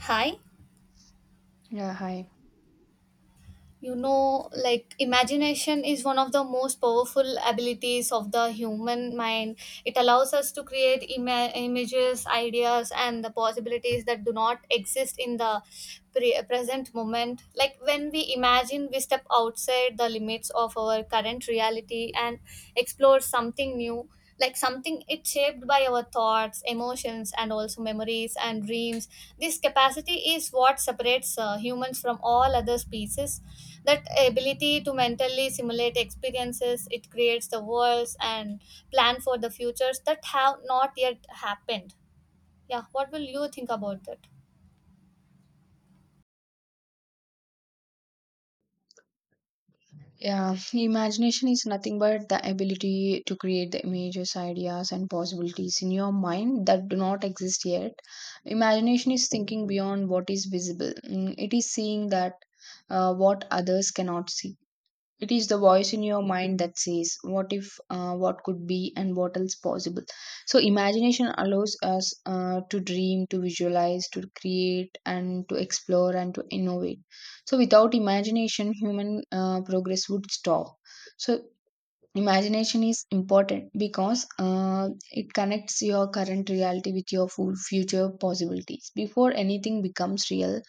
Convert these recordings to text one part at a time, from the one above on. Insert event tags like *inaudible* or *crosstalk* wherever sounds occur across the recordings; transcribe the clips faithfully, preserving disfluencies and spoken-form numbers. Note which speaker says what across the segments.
Speaker 1: Hi.
Speaker 2: Yeah, hi.
Speaker 1: You know, like imagination is one of the most powerful abilities of the human mind. It allows us to create ima- images, ideas, and the possibilities that do not exist in the pre- present moment. Like when we imagine, we step outside the limits of our current reality and explore something new. Like something, it's shaped by our thoughts, emotions, and also memories and dreams. This capacity is what separates uh, humans from all other species. That ability to mentally simulate experiences, it creates the worlds and plan for the futures that have not yet happened. Yeah, what will you think about that?
Speaker 2: Yeah, *laughs* imagination is nothing but the ability to create the images, ideas, and possibilities in your mind that do not exist yet. Imagination is thinking beyond what is visible, Mm, it is seeing that uh, what others cannot see. It is the voice in your mind that says, what if, uh, what could be, and what else possible. So, imagination allows us uh, to dream, to visualize, to create, and to explore and to innovate. So, without imagination, human uh, progress would stop. So, imagination is important because uh, it connects your current reality with your full future possibilities. Before anything becomes real,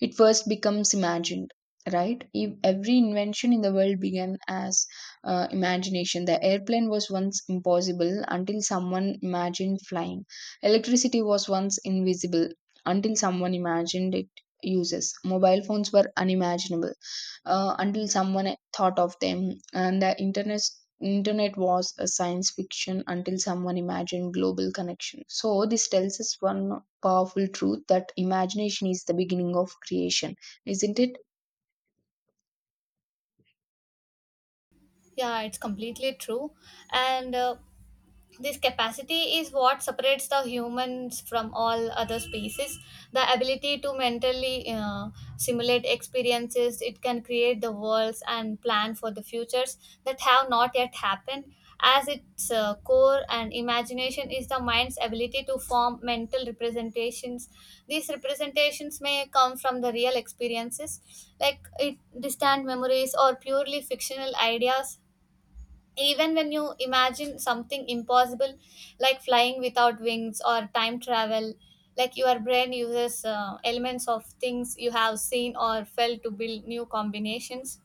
Speaker 2: it first becomes imagined, right? If every invention in the world began as uh, imagination, the airplane was once impossible until someone imagined flying. Electricity was once invisible until someone imagined it uses. Mobile phones were unimaginable uh, until someone thought of them. And the internet internet was a science fiction until someone imagined global connection. So this tells us one powerful truth, that imagination is the beginning of creation, isn't it?
Speaker 1: Yeah, it's completely true. And uh, this capacity is what separates the humans from all other species. The ability to mentally uh, simulate experiences, it can create the worlds and plan for the futures that have not yet happened. As its uh, core, and imagination is the mind's ability to form mental representations. These representations may come from the real experiences, like it, distant memories or purely fictional ideas. Even when you imagine something impossible, like flying without wings or time travel, like your brain uses uh, elements of things you have seen or felt to build new combinations.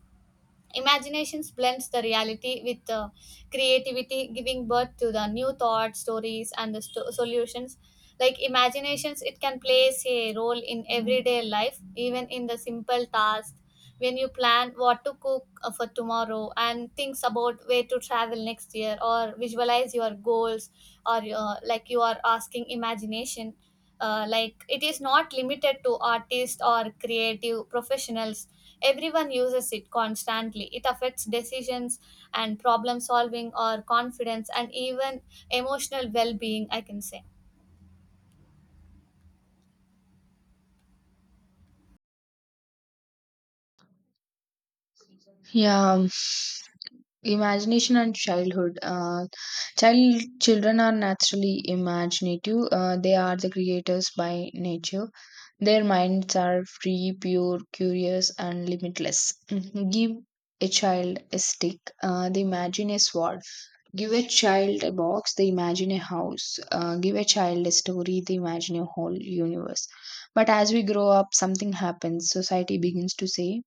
Speaker 1: Imaginations blends the reality with uh, creativity, giving birth to the new thoughts, stories, and the sto- solutions. Like imaginations, it can plays a role in everyday life, even in the simple tasks. When you plan what to cook uh, for tomorrow and thinks about where to travel next year, or visualize your goals, or uh, like you are asking imagination, uh, like it is not limited to artists or creative professionals. Everyone uses it constantly. It affects decisions and problem solving or confidence and even emotional well being, I can say.
Speaker 2: Yeah, imagination and childhood. Uh, child children are naturally imaginative. Uh, they are the creators by nature. Their minds are free, pure, curious, and limitless. Mhm. Give a child a stick, uh, they imagine a sword. Give a child a box, they imagine a house. Uh, give a child a story, they imagine a whole universe. But as we grow up, something happens. Society begins to say,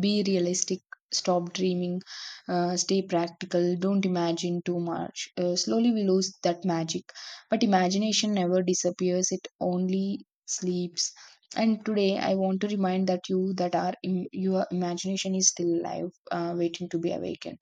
Speaker 2: be realistic. Stop dreaming. Uh, stay practical. Don't imagine too much. Uh, slowly, we lose that magic. But imagination never disappears, it only sleeps. And today, I want to remind that you that our Im- your imagination is still alive, uh, waiting to be awakened.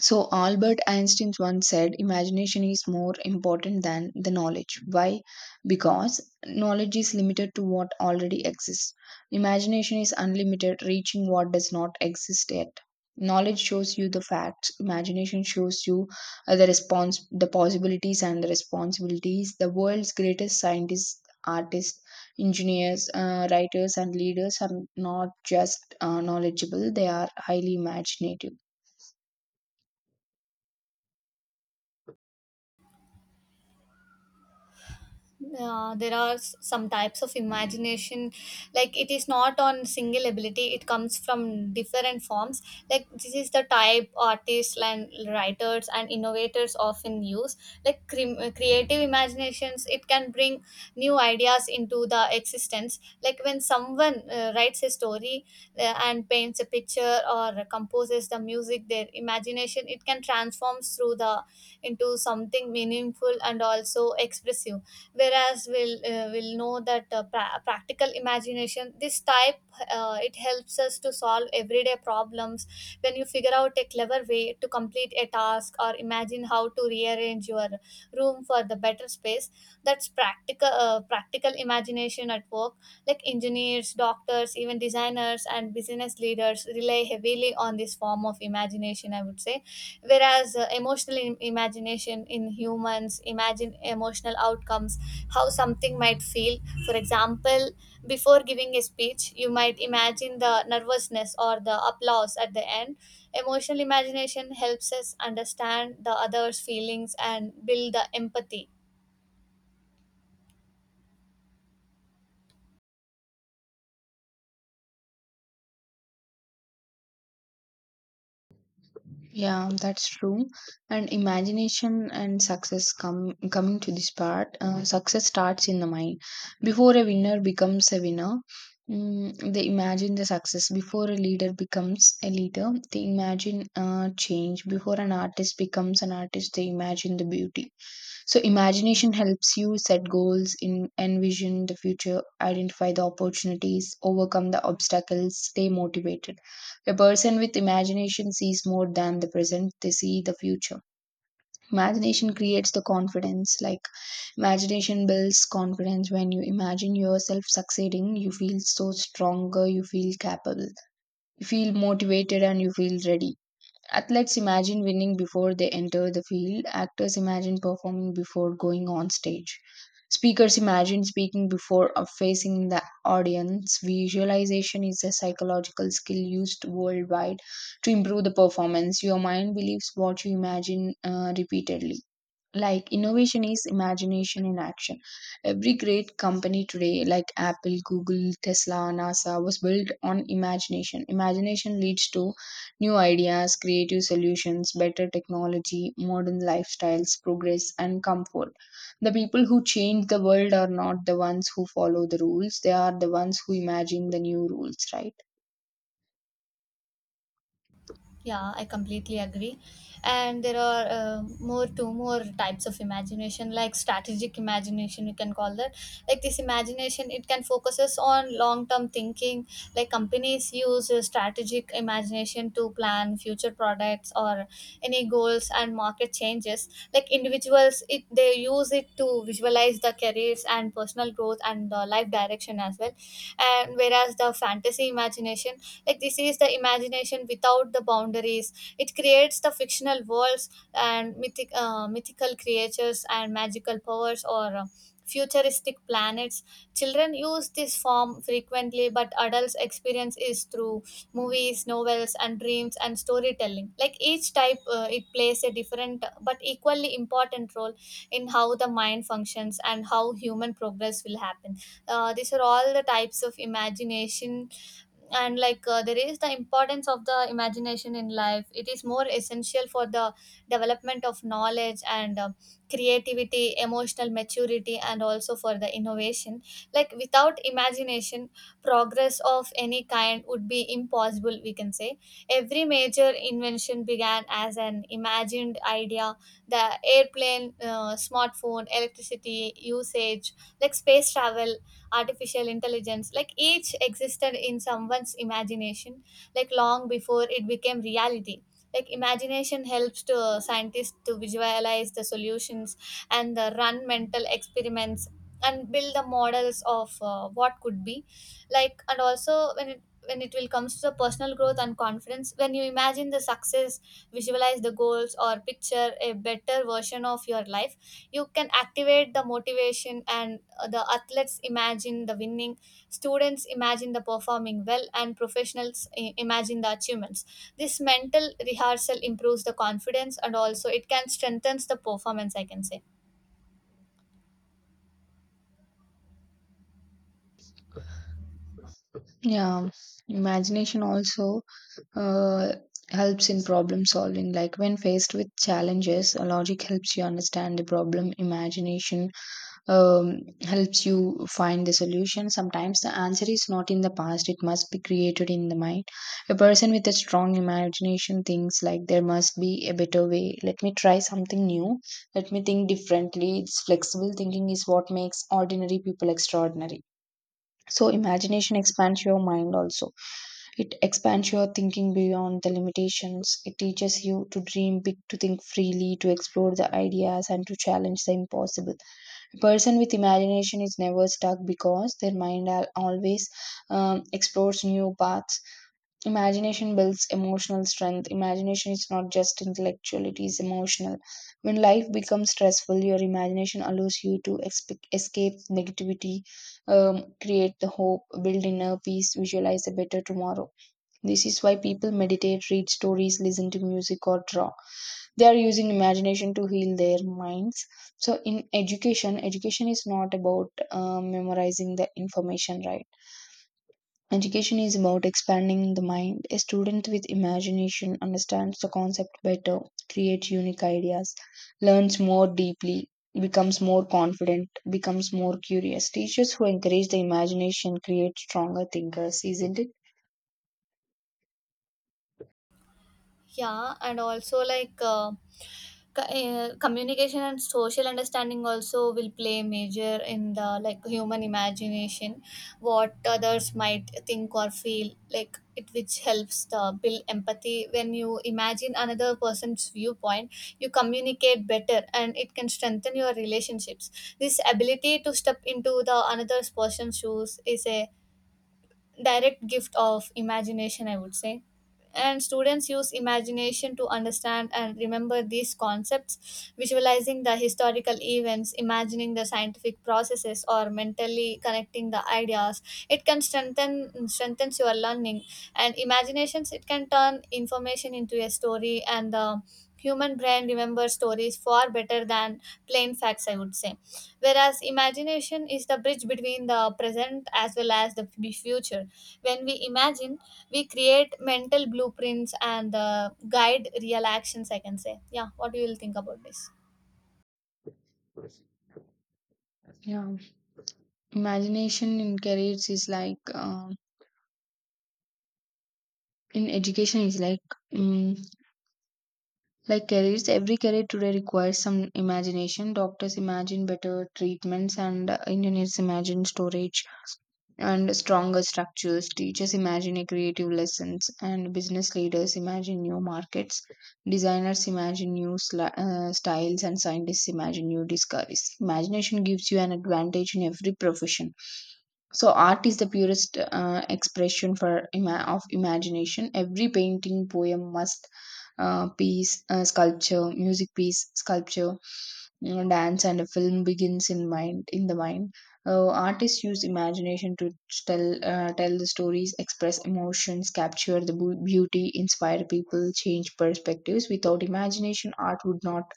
Speaker 2: So Albert Einstein once said, imagination is more important than the knowledge. Why? Because knowledge is limited to what already exists. Imagination is unlimited, reaching what does not exist yet. Knowledge shows you the facts. Imagination shows you uh, the response, the possibilities, and the responsibilities. The world's greatest scientists, artists, engineers, uh, writers, and leaders are not just uh, knowledgeable; they are highly imaginative.
Speaker 1: uh, There are s- some types of imagination, like it is not on single ability, it comes from different forms. Like this is the type artists and writers and innovators often use. Like cre- uh, creative imaginations, it can bring new ideas into the existence. Like when someone uh, writes a story, uh, and paints a picture or composes the music, their imagination, it can transform through the into something meaningful and also expressive. Whereas we'll uh, we'll know that uh, pra- practical imagination, this type, uh, it helps us to solve everyday problems. When you figure out a clever way to complete a task or imagine how to rearrange your room for the better space, that's practical uh, practical imagination at work. Like engineers, doctors, even designers and business leaders rely heavily on this form of imagination, I would say. Whereas uh, emotional Im- imagination in humans, imagine emotional outcomes, how something might feel. For example, before giving a speech, you might imagine the nervousness or the applause at the end. Emotional imagination helps us understand the other's feelings and build the empathy.
Speaker 2: Yeah, that's true. And imagination and success, come coming to this part. Uh, success starts in the mind. Before a winner becomes a winner, mm, they imagine the success. Before a leader becomes a leader, they imagine uh, change. Before an artist becomes an artist, they imagine the beauty. So imagination helps you set goals, in envision the future, identify the opportunities, overcome the obstacles, stay motivated. A person with imagination sees more than the present, they see the future. Imagination creates the confidence. Like, imagination builds confidence. When you imagine yourself succeeding, you feel so stronger, you feel capable, you feel motivated, and you feel ready. Athletes imagine winning before they enter the field. Actors imagine performing before going on stage. Speakers imagine speaking before uh, facing the audience. Visualization is a psychological skill used worldwide to improve the performance. Your mind believes what you imagine uh, repeatedly. Like innovation is imagination in action. Every great company today, like Apple, Google, Tesla, NASA, was built on imagination. Imagination leads to new ideas, creative solutions, better technology, modern lifestyles, progress, and comfort. The people who change the world are not the ones who follow the rules, they are the ones who imagine the new rules, right?
Speaker 1: Yeah, I completely agree. And there are uh, more two more types of imagination, like strategic imagination, you can call that. Like this imagination, it can focuses on long term thinking. Like companies use uh, strategic imagination to plan future products or any goals and market changes. Like individuals, it they use it to visualize the careers and personal growth and the life direction as well. And whereas the fantasy imagination, like this is the imagination without the boundaries, it creates the fictional worlds and mythic uh, mythical creatures and magical powers or uh, futuristic planets. Children use this form frequently, but adults experience is through movies, novels, and dreams and storytelling. Like each type, uh, it plays a different but equally important role in how the mind functions and how human progress will happen. Uh, these are all the types of imagination. And like, uh, there is the importance of the imagination in life. It is more essential for the development of knowledge and uh, creativity, emotional maturity, and also for the innovation. Like without imagination, progress of any kind would be impossible, we can say. Every major invention began as an imagined idea. The airplane, uh, smartphone, electricity usage, like space travel, artificial intelligence, like each existed in someone's imagination, like long before it became reality. Like imagination helps to uh, scientists to visualize the solutions and uh, run mental experiments and build the models of uh, what could be. Like and also when it when it will comes to the personal growth and confidence, when you imagine the success, visualize the goals or picture a better version of your life, you can activate the motivation. And uh, the athletes imagine the winning, students imagine the performing well, and professionals i- imagine the achievements. This mental rehearsal improves the confidence and also it can strengthen the performance, I can say.
Speaker 2: Yeah, imagination also uh, helps in problem solving. Like when faced with challenges, uh, logic helps you understand the problem, imagination um, helps you find the solution. Sometimes the answer is not in the past, it must be created in the mind. A person with a strong imagination thinks like, there must be a better way, let me try something new, let me think differently. It's flexible thinking is what makes ordinary people extraordinary. So imagination expands your mind also, it expands your thinking beyond the limitations. It teaches you to dream big, to think freely, to explore the ideas, and to challenge the impossible. A person with imagination is never stuck because their mind al- always um, explores new paths. Imagination builds emotional strength. Imagination is not just intellectual, it is emotional. When life becomes stressful, your imagination allows you to expe- escape negativity, um, create the hope, build inner peace, visualize a better tomorrow. This is why people meditate, read stories, listen to music, or draw. They are using imagination to heal their minds. So, in education, education is not about uh, memorizing the information, right? Education is about expanding the mind. A student with imagination understands the concept better, creates unique ideas, learns more deeply, becomes more confident, becomes more curious. Teachers who encourage the imagination create stronger thinkers, isn't it?
Speaker 1: Yeah, and also like, uh, co- uh, communication and social understanding also will play major in the like human imagination, what others might think or feel, like it, which helps the build empathy. When you imagine another person's viewpoint, you communicate better, and it can strengthen your relationships. This ability to step into the another person's shoes is a direct gift of imagination, I would say. And students use imagination to understand and remember these concepts, visualizing the historical events, imagining the scientific processes, or mentally connecting the ideas. It can strengthen strengthens your learning. And imaginations, it can turn information into a story, and the human brain remembers stories far better than plain facts, I would say. Whereas imagination is the bridge between the present as well as the f- future. When we imagine, we create mental blueprints and uh, guide real actions, I can say. Yeah, what do you think about this?
Speaker 2: Yeah. Imagination in careers is like, um, in education is like, um, like careers. Every career today requires some imagination. Doctors imagine better treatments, and uh, engineers imagine storage and stronger structures. Teachers imagine a creative lessons, and business leaders imagine new markets. Designers imagine new sli- uh, styles, and scientists imagine new discoveries. Imagination gives you an advantage in every profession. So, art is the purest uh, expression for ima- of imagination. Every painting, poem, must uh, piece, uh, sculpture, music piece, sculpture, mm, dance, and a film begins in mind in the mind. Uh, artists use imagination to tell uh, tell the stories, express emotions, capture the bu- beauty, inspire people, change perspectives. Without imagination, art would not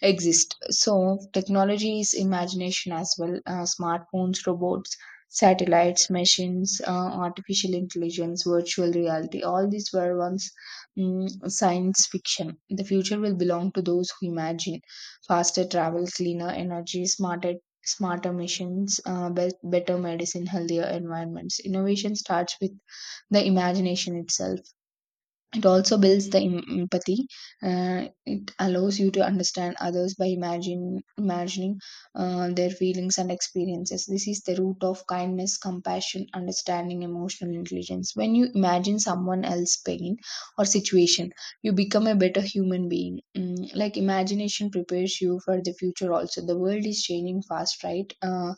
Speaker 2: exist. So, technology is imagination as well. Uh, smartphones, robots, satellites, machines, uh, artificial intelligence, virtual reality, all these were once, mm, science fiction. The future will belong to those who imagine faster travel, cleaner energy, smarter smarter machines, uh, be- better medicine, healthier environments. Innovation starts with the imagination itself. It also builds the em- empathy. Uh, it allows you to understand others by imagine, imagining uh, their feelings and experiences. This is the root of kindness, compassion, understanding, emotional intelligence. When you imagine someone else's pain or situation, you become a better human being. Mm, like imagination prepares you for the future also. The world is changing fast, right? Uh,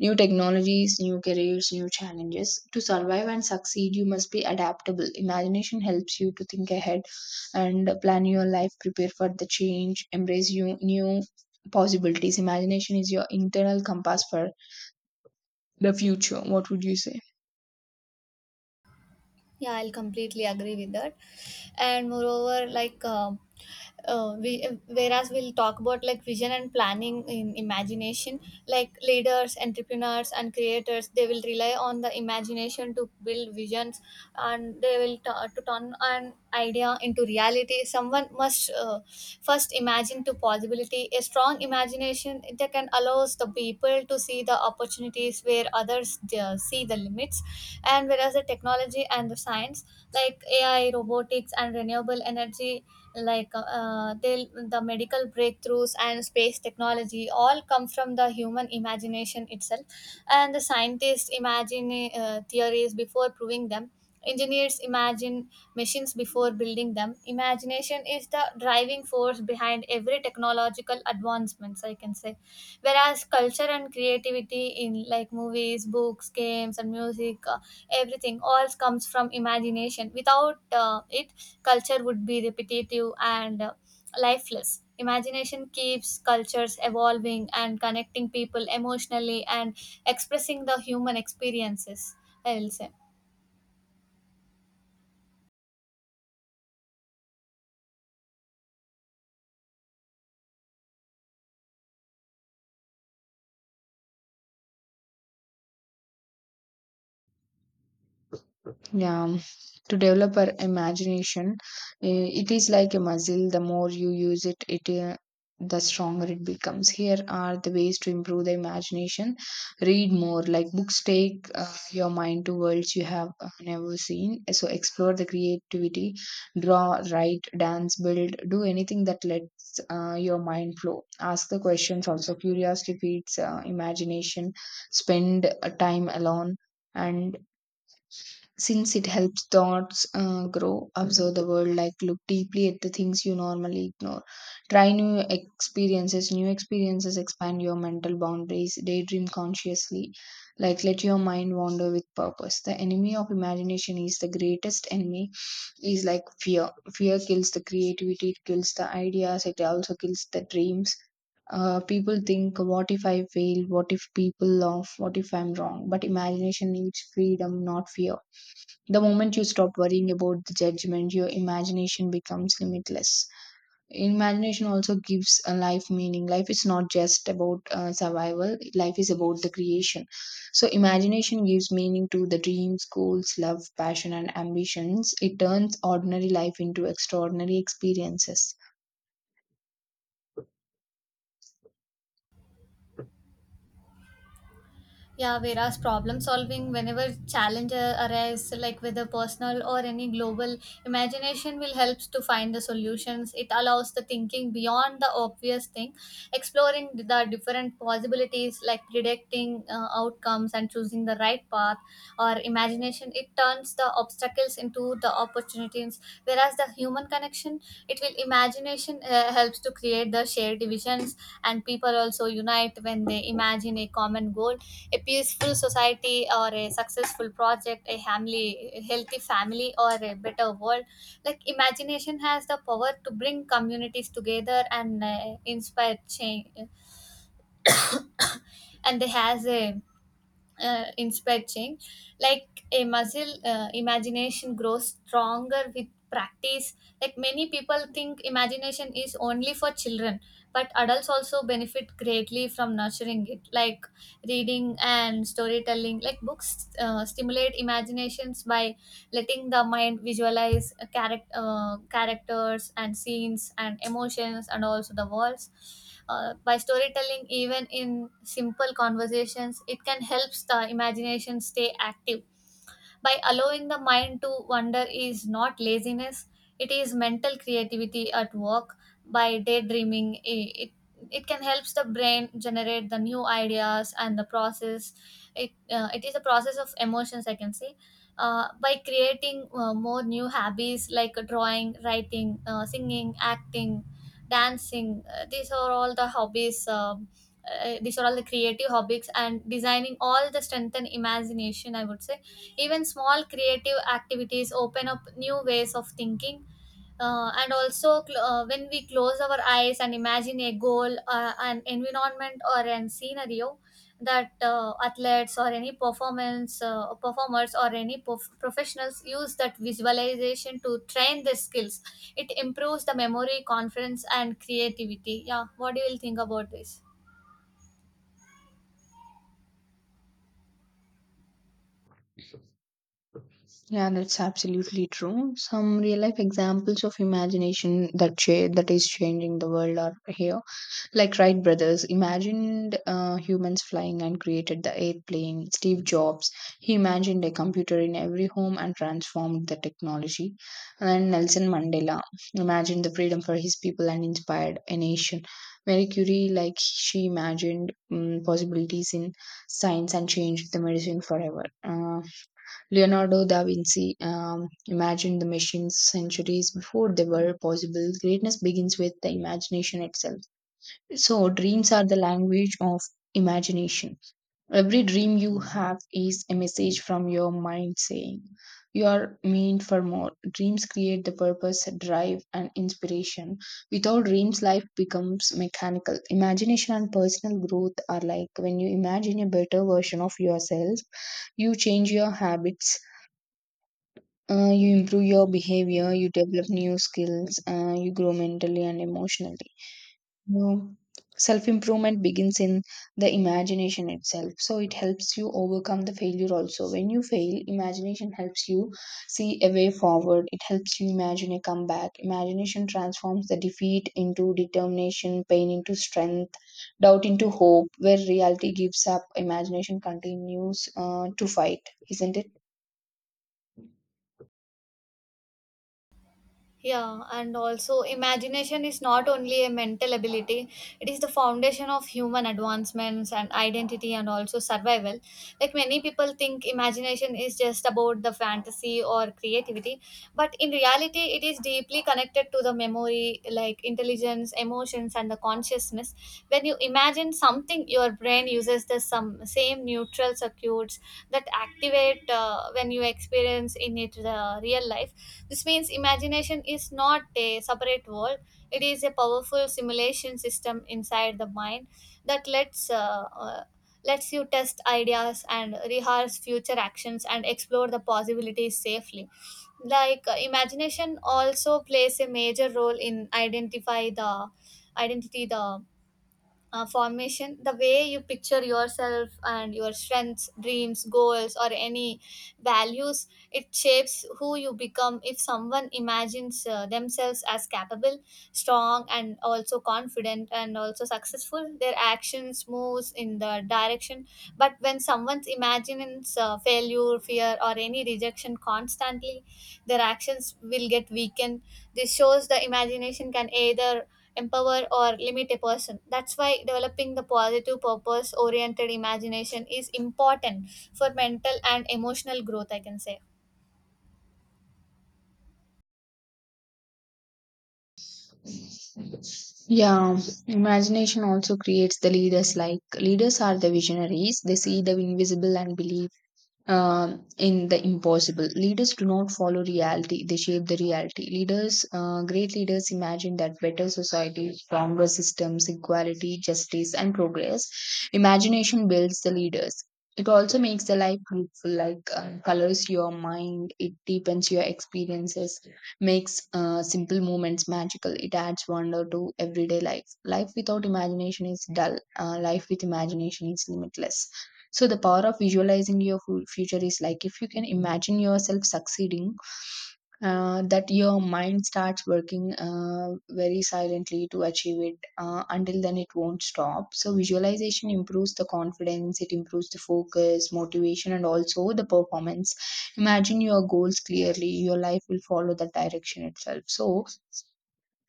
Speaker 2: New technologies, new careers, new challenges. To survive and succeed, you must be adaptable. Imagination helps you to think ahead and plan your life, prepare for the change, embrace you, new possibilities. Imagination is your internal compass for the future. What would you say?
Speaker 1: Yeah, I'll completely agree with that. And moreover, like, um uh, we, whereas we'll talk about like vision and planning in imagination, like leaders, entrepreneurs, and creators, they will rely on the imagination to build visions, and they will t- to turn an idea into reality. Someone must uh, first imagine to possibility. A strong imagination that can allows the people to see the opportunities where others uh, see the limits. And whereas the technology and the science, like A I, robotics, and renewable energy, like uh, uh, they the medical breakthroughs and space technology all come from the human imagination itself. And the scientists imagine uh, theories before proving them. Engineers imagine machines before building them. Imagination is the driving force behind every technological advancements, I can say. Whereas culture and creativity in like movies, books, games, and music, uh, everything all comes from imagination. Without uh, it, culture would be repetitive and uh, lifeless. Imagination keeps cultures evolving and connecting people emotionally and expressing the human experiences, I will say.
Speaker 2: Yeah, um, to develop our imagination, eh, it is like a muscle. The more you use it, it uh, the stronger it becomes. Here are the ways to improve the imagination. Read more, like books take uh, your mind to worlds you have uh, never seen. So explore the creativity, draw, write, dance, build, do anything that lets uh, your mind flow. Ask the questions also. Curiosity feeds uh, imagination. Spend uh, time alone and since it helps thoughts uh, grow. Observe the world, like look deeply at the things you normally ignore. Try new experiences. New experiences expand your mental boundaries. Daydream consciously, like let your mind wander with purpose. The enemy of imagination, is the greatest enemy is like fear. Fear kills the creativity, it kills the ideas, it also kills the dreams. Uh, people think, what if I fail, what if people laugh, what if I'm wrong, but imagination needs freedom, not fear. The moment you stop worrying about the judgment, your imagination becomes limitless. Imagination also gives a life meaning. Life is not just about uh, survival, life is about the creation. So, imagination gives meaning to the dreams, goals, love, passion, and ambitions. It turns ordinary life into extraordinary experiences.
Speaker 1: Yeah, whereas problem solving, whenever challenge uh, arise, like whether personal or any global, imagination will help to find the solutions. It allows the thinking beyond the obvious thing, exploring the different possibilities, like predicting uh, outcomes and choosing the right path. Or imagination, it turns the obstacles into the opportunities. Whereas the human connection, it will imagination uh, helps to create the shared divisions, and people also unite when they imagine a common goal, a peaceful society or a successful project, a family, a healthy family, or a better world. Like imagination has the power to bring communities together and uh, inspire change. And it has a uh, inspired change like a muscle. Uh, imagination grows stronger with practice. Like many people think imagination is only for children, but adults also benefit greatly from nurturing it. Like reading and storytelling, like books uh, stimulate imaginations by letting the mind visualize uh, charac- uh, characters and scenes and emotions and also the worlds. Uh, by storytelling, even in simple conversations, it can help the imagination stay active. By allowing the mind to wander is not laziness, it is mental creativity at work. By daydreaming, i- it it can helps the brain generate the new ideas and the process. it uh, it is a process of emotions, I can say. Uh, by creating uh, more new hobbies, like drawing, writing, uh, singing, acting, dancing, uh, these are all the hobbies um, uh, these are all the creative hobbies and designing all the strengthen imagination, I would say. Even small creative activities open up new ways of thinking. Uh, and also cl- uh, when we close our eyes and imagine a goal, uh, an environment or an scenario, that uh, athletes or any performance uh, performers or any prof- professionals use that visualization to train their skills. It improves the memory, confidence, and creativity. Yeah, what do you will think about this?
Speaker 2: Yeah, that's absolutely true. Some real life examples of imagination that cha- that is changing the world are here. Like Wright brothers imagined uh, humans flying and created the airplane. Steve Jobs, he imagined a computer in every home and transformed the technology. And Nelson Mandela imagined the freedom for his people and inspired a nation. Marie Curie, like she imagined um, possibilities in science and changed the medicine forever. Uh, Leonardo da Vinci um, imagined the machines centuries before they were possible. Greatness begins with the imagination itself. So, dreams are the language of imagination. Every dream you have is a message from your mind saying, you are meant for more. Dreams create the purpose, drive, and inspiration. Without dreams, life becomes mechanical. Imagination and personal growth are like when you imagine a better version of yourself, you change your habits. Uh, you improve your behavior, you develop new skills, uh, you grow mentally and emotionally, no. Self improvement begins in the imagination itself. So it helps you overcome the failure also. When you fail, imagination helps you see a way forward. It helps you imagine a comeback. Imagination transforms the defeat into determination, pain into strength, doubt into hope. Where reality gives up, imagination continues uh, to fight, isn't it?
Speaker 1: Yeah, and also imagination is not only a mental ability, it is the foundation of human advancements and identity and also survival. Like many people think imagination is just about the fantasy or creativity, but in reality, it is deeply connected to the memory, like intelligence, emotions, and the consciousness. When you imagine something, your brain uses the some same neutral circuits that activate uh, when you experience in it the real life. This means imagination is not a separate world, it is a powerful simulation system inside the mind that lets, uh, uh, lets you test ideas and rehearse future actions and explore the possibilities safely. Like uh, imagination also plays a major role in identify the identity the uh, formation, the way you picture yourself, and your strengths, dreams, goals, or any values. It shapes who you become. If someone imagines uh, themselves as capable, strong, and also confident and also successful, their actions moves in the direction. But when someone imagines uh, failure, fear, or any rejection constantly, their actions will get weakened. This shows the imagination can either empower or limit a person. That's why developing the positive purpose oriented imagination is important for mental and emotional growth, I can say.
Speaker 2: Yeah, imagination also creates the leaders. Like leaders are the visionaries, they see the invisible and believe, um, in the impossible. Leaders do not follow reality, they shape the reality. Leaders, uh, great leaders, imagine that better society, stronger systems, equality, justice, and progress. Imagination builds the leaders. It also makes the life beautiful, like um, colors your mind, it deepens your experiences, makes uh, simple moments magical, it adds wonder to everyday life. Life without imagination is dull, uh, life with imagination is limitless. So the power of visualizing your fu- future is like if you can imagine yourself succeeding, uh, that your mind starts working uh, very silently to achieve it, uh, until then it won't stop. So visualization improves the confidence, it improves the focus, motivation, and also the performance. Imagine your goals clearly, your life will follow that direction itself. So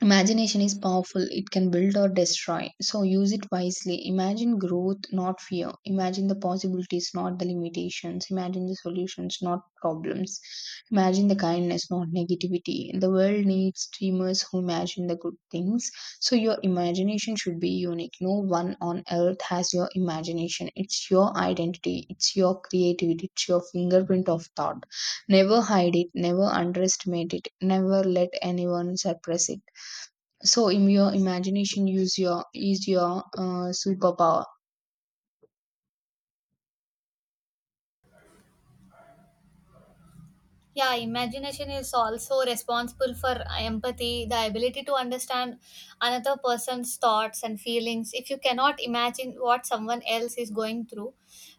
Speaker 2: imagination is powerful. It can build or destroy. So use it wisely. Imagine growth, not fear. Imagine the possibilities, not the limitations. Imagine the solutions, not problems. Imagine the kindness, not negativity. The world needs dreamers who imagine the good things. So your imagination should be unique. No one on earth has your imagination. It's your identity. It's your creativity. It's your fingerprint of thought. Never hide it. Never underestimate it. Never let anyone suppress it. So in your imagination use your is your uh, superpower.
Speaker 1: Yeah, imagination is also responsible for empathy, the ability to understand another person's thoughts and feelings. If you cannot imagine what someone else is going through,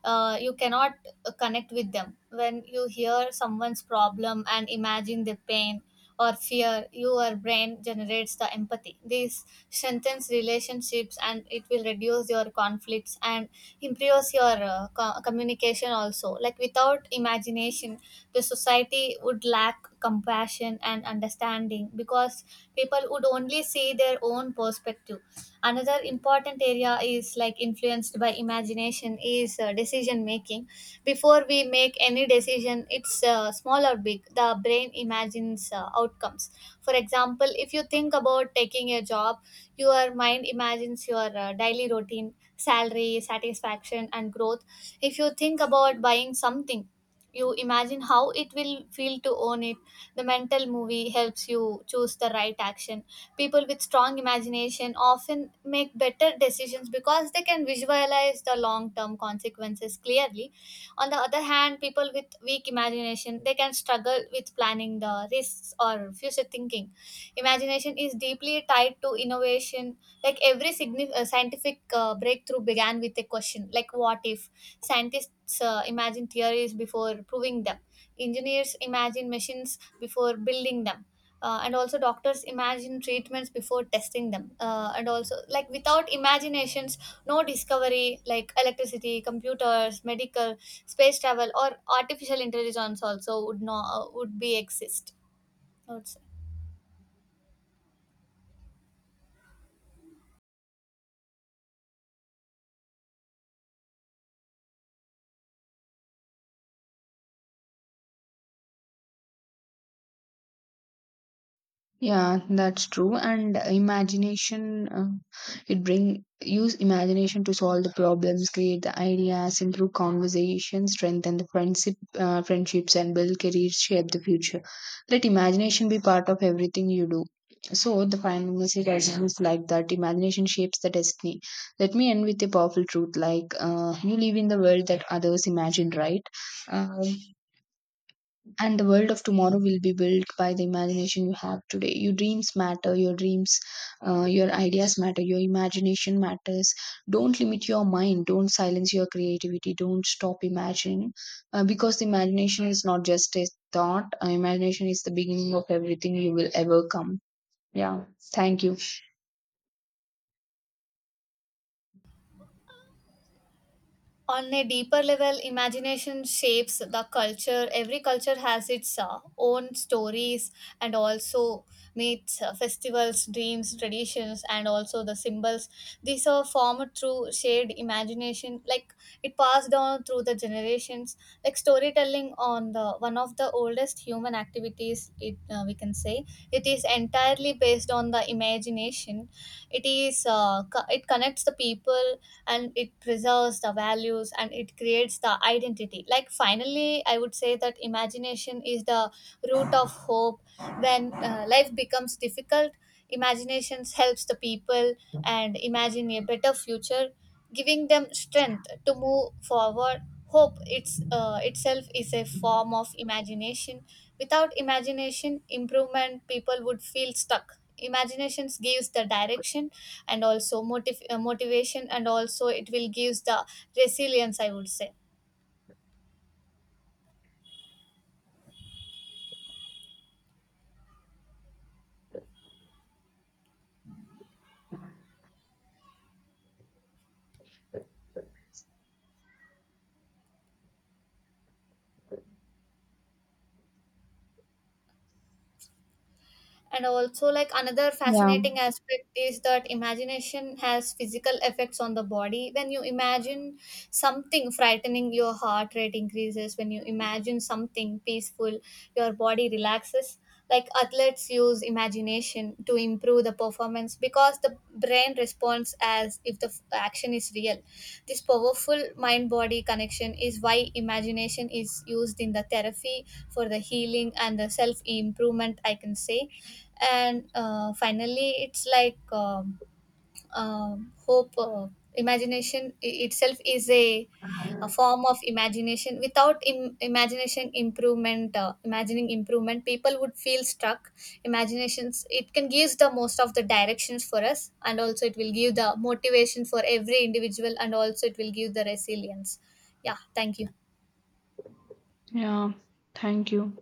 Speaker 1: uh, you cannot uh, connect with them. When you hear someone's problem and imagine their pain or fear, your brain generates the empathy. This strengthens relationships and it will reduce your conflicts and improves your uh, co- communication also. Like without imagination, the society would lack compassion and understanding because people would only see their own perspective. Another important area is like influenced by imagination is uh, decision making. Before we make any decision, it's uh, small or big, the brain imagines uh, outcomes. For example, if you think about taking a job, your mind imagines your uh, daily routine, salary, satisfaction, and growth. If you think about buying something, you imagine how it will feel to own it. The mental movie helps you choose the right action. People with strong imagination often make better decisions because they can visualize the long term consequences clearly. On the other hand, people with weak imagination they can struggle with planning the risks or future thinking. Imagination is deeply tied to innovation. Like every signi- uh, scientific uh, breakthrough began with a question like what if. Scientists uh, imagine theories before proving them, engineers imagine machines before building them, uh, and also doctors imagine treatments before testing them. Uh, and also, like, without imaginations, no discovery like electricity, computers, medical, space travel, or artificial intelligence also would no uh, would be exist, I would say.
Speaker 2: Yeah, that's true. And imagination, uh, it bring use imagination to solve the problems, create the ideas, improve conversation, strengthen the friendship, uh, friendships, and build careers, shape the future. Let imagination be part of everything you do. So the final message I have is like that imagination shapes the destiny. Let me end with a powerful truth, like uh, you live in the world that others imagine, right? Um, and the world of tomorrow will be built by the imagination you have today. Your dreams matter, your dreams, uh, your ideas matter, your imagination matters. Don't limit your mind, don't silence your creativity, don't stop imagining, uh, because the imagination is not just a thought, uh, imagination is the beginning of everything you will ever come. Yeah, thank you.
Speaker 1: On a deeper level, imagination shapes the culture. Every culture has its uh, own stories and also myths, uh, festivals, dreams, traditions, and also the symbols. These are formed through shared imagination, like it passed down through the generations. Like storytelling, on the one of the oldest human activities, it uh, we can say it is entirely based on the imagination. It is uh, co- it connects the people and it preserves the values and it creates the identity. Like finally I would say that imagination is the root of hope. When uh, life becomes difficult, imagination helps the people and imagine a better future, giving them strength to move forward. Hope it's uh, itself is a form of imagination. Without imagination, improvement, people would feel stuck. Imaginations gives the direction and also motiv- uh, motivation and also it will gives the resilience, I would say. And also, like, another
Speaker 2: Yeah.
Speaker 1: fascinating aspect is that imagination has physical effects on the body. When you imagine something frightening, your heart rate increases. When you imagine something peaceful, your body relaxes. Like athletes use imagination to improve the performance because the brain responds as if the f- action is real. This powerful mind body connection is why imagination is used in the therapy for the healing and the self improvement, I can say. And uh, finally, it's like um, um, hope uh, imagination i- itself is a, a form of imagination. Without Im- imagination improvement, uh, imagining improvement, people would feel stuck. Imaginations it can give the most of the directions for us and also it will give the motivation for every individual and also it will give the resilience. Yeah, thank you.
Speaker 2: Yeah, thank you.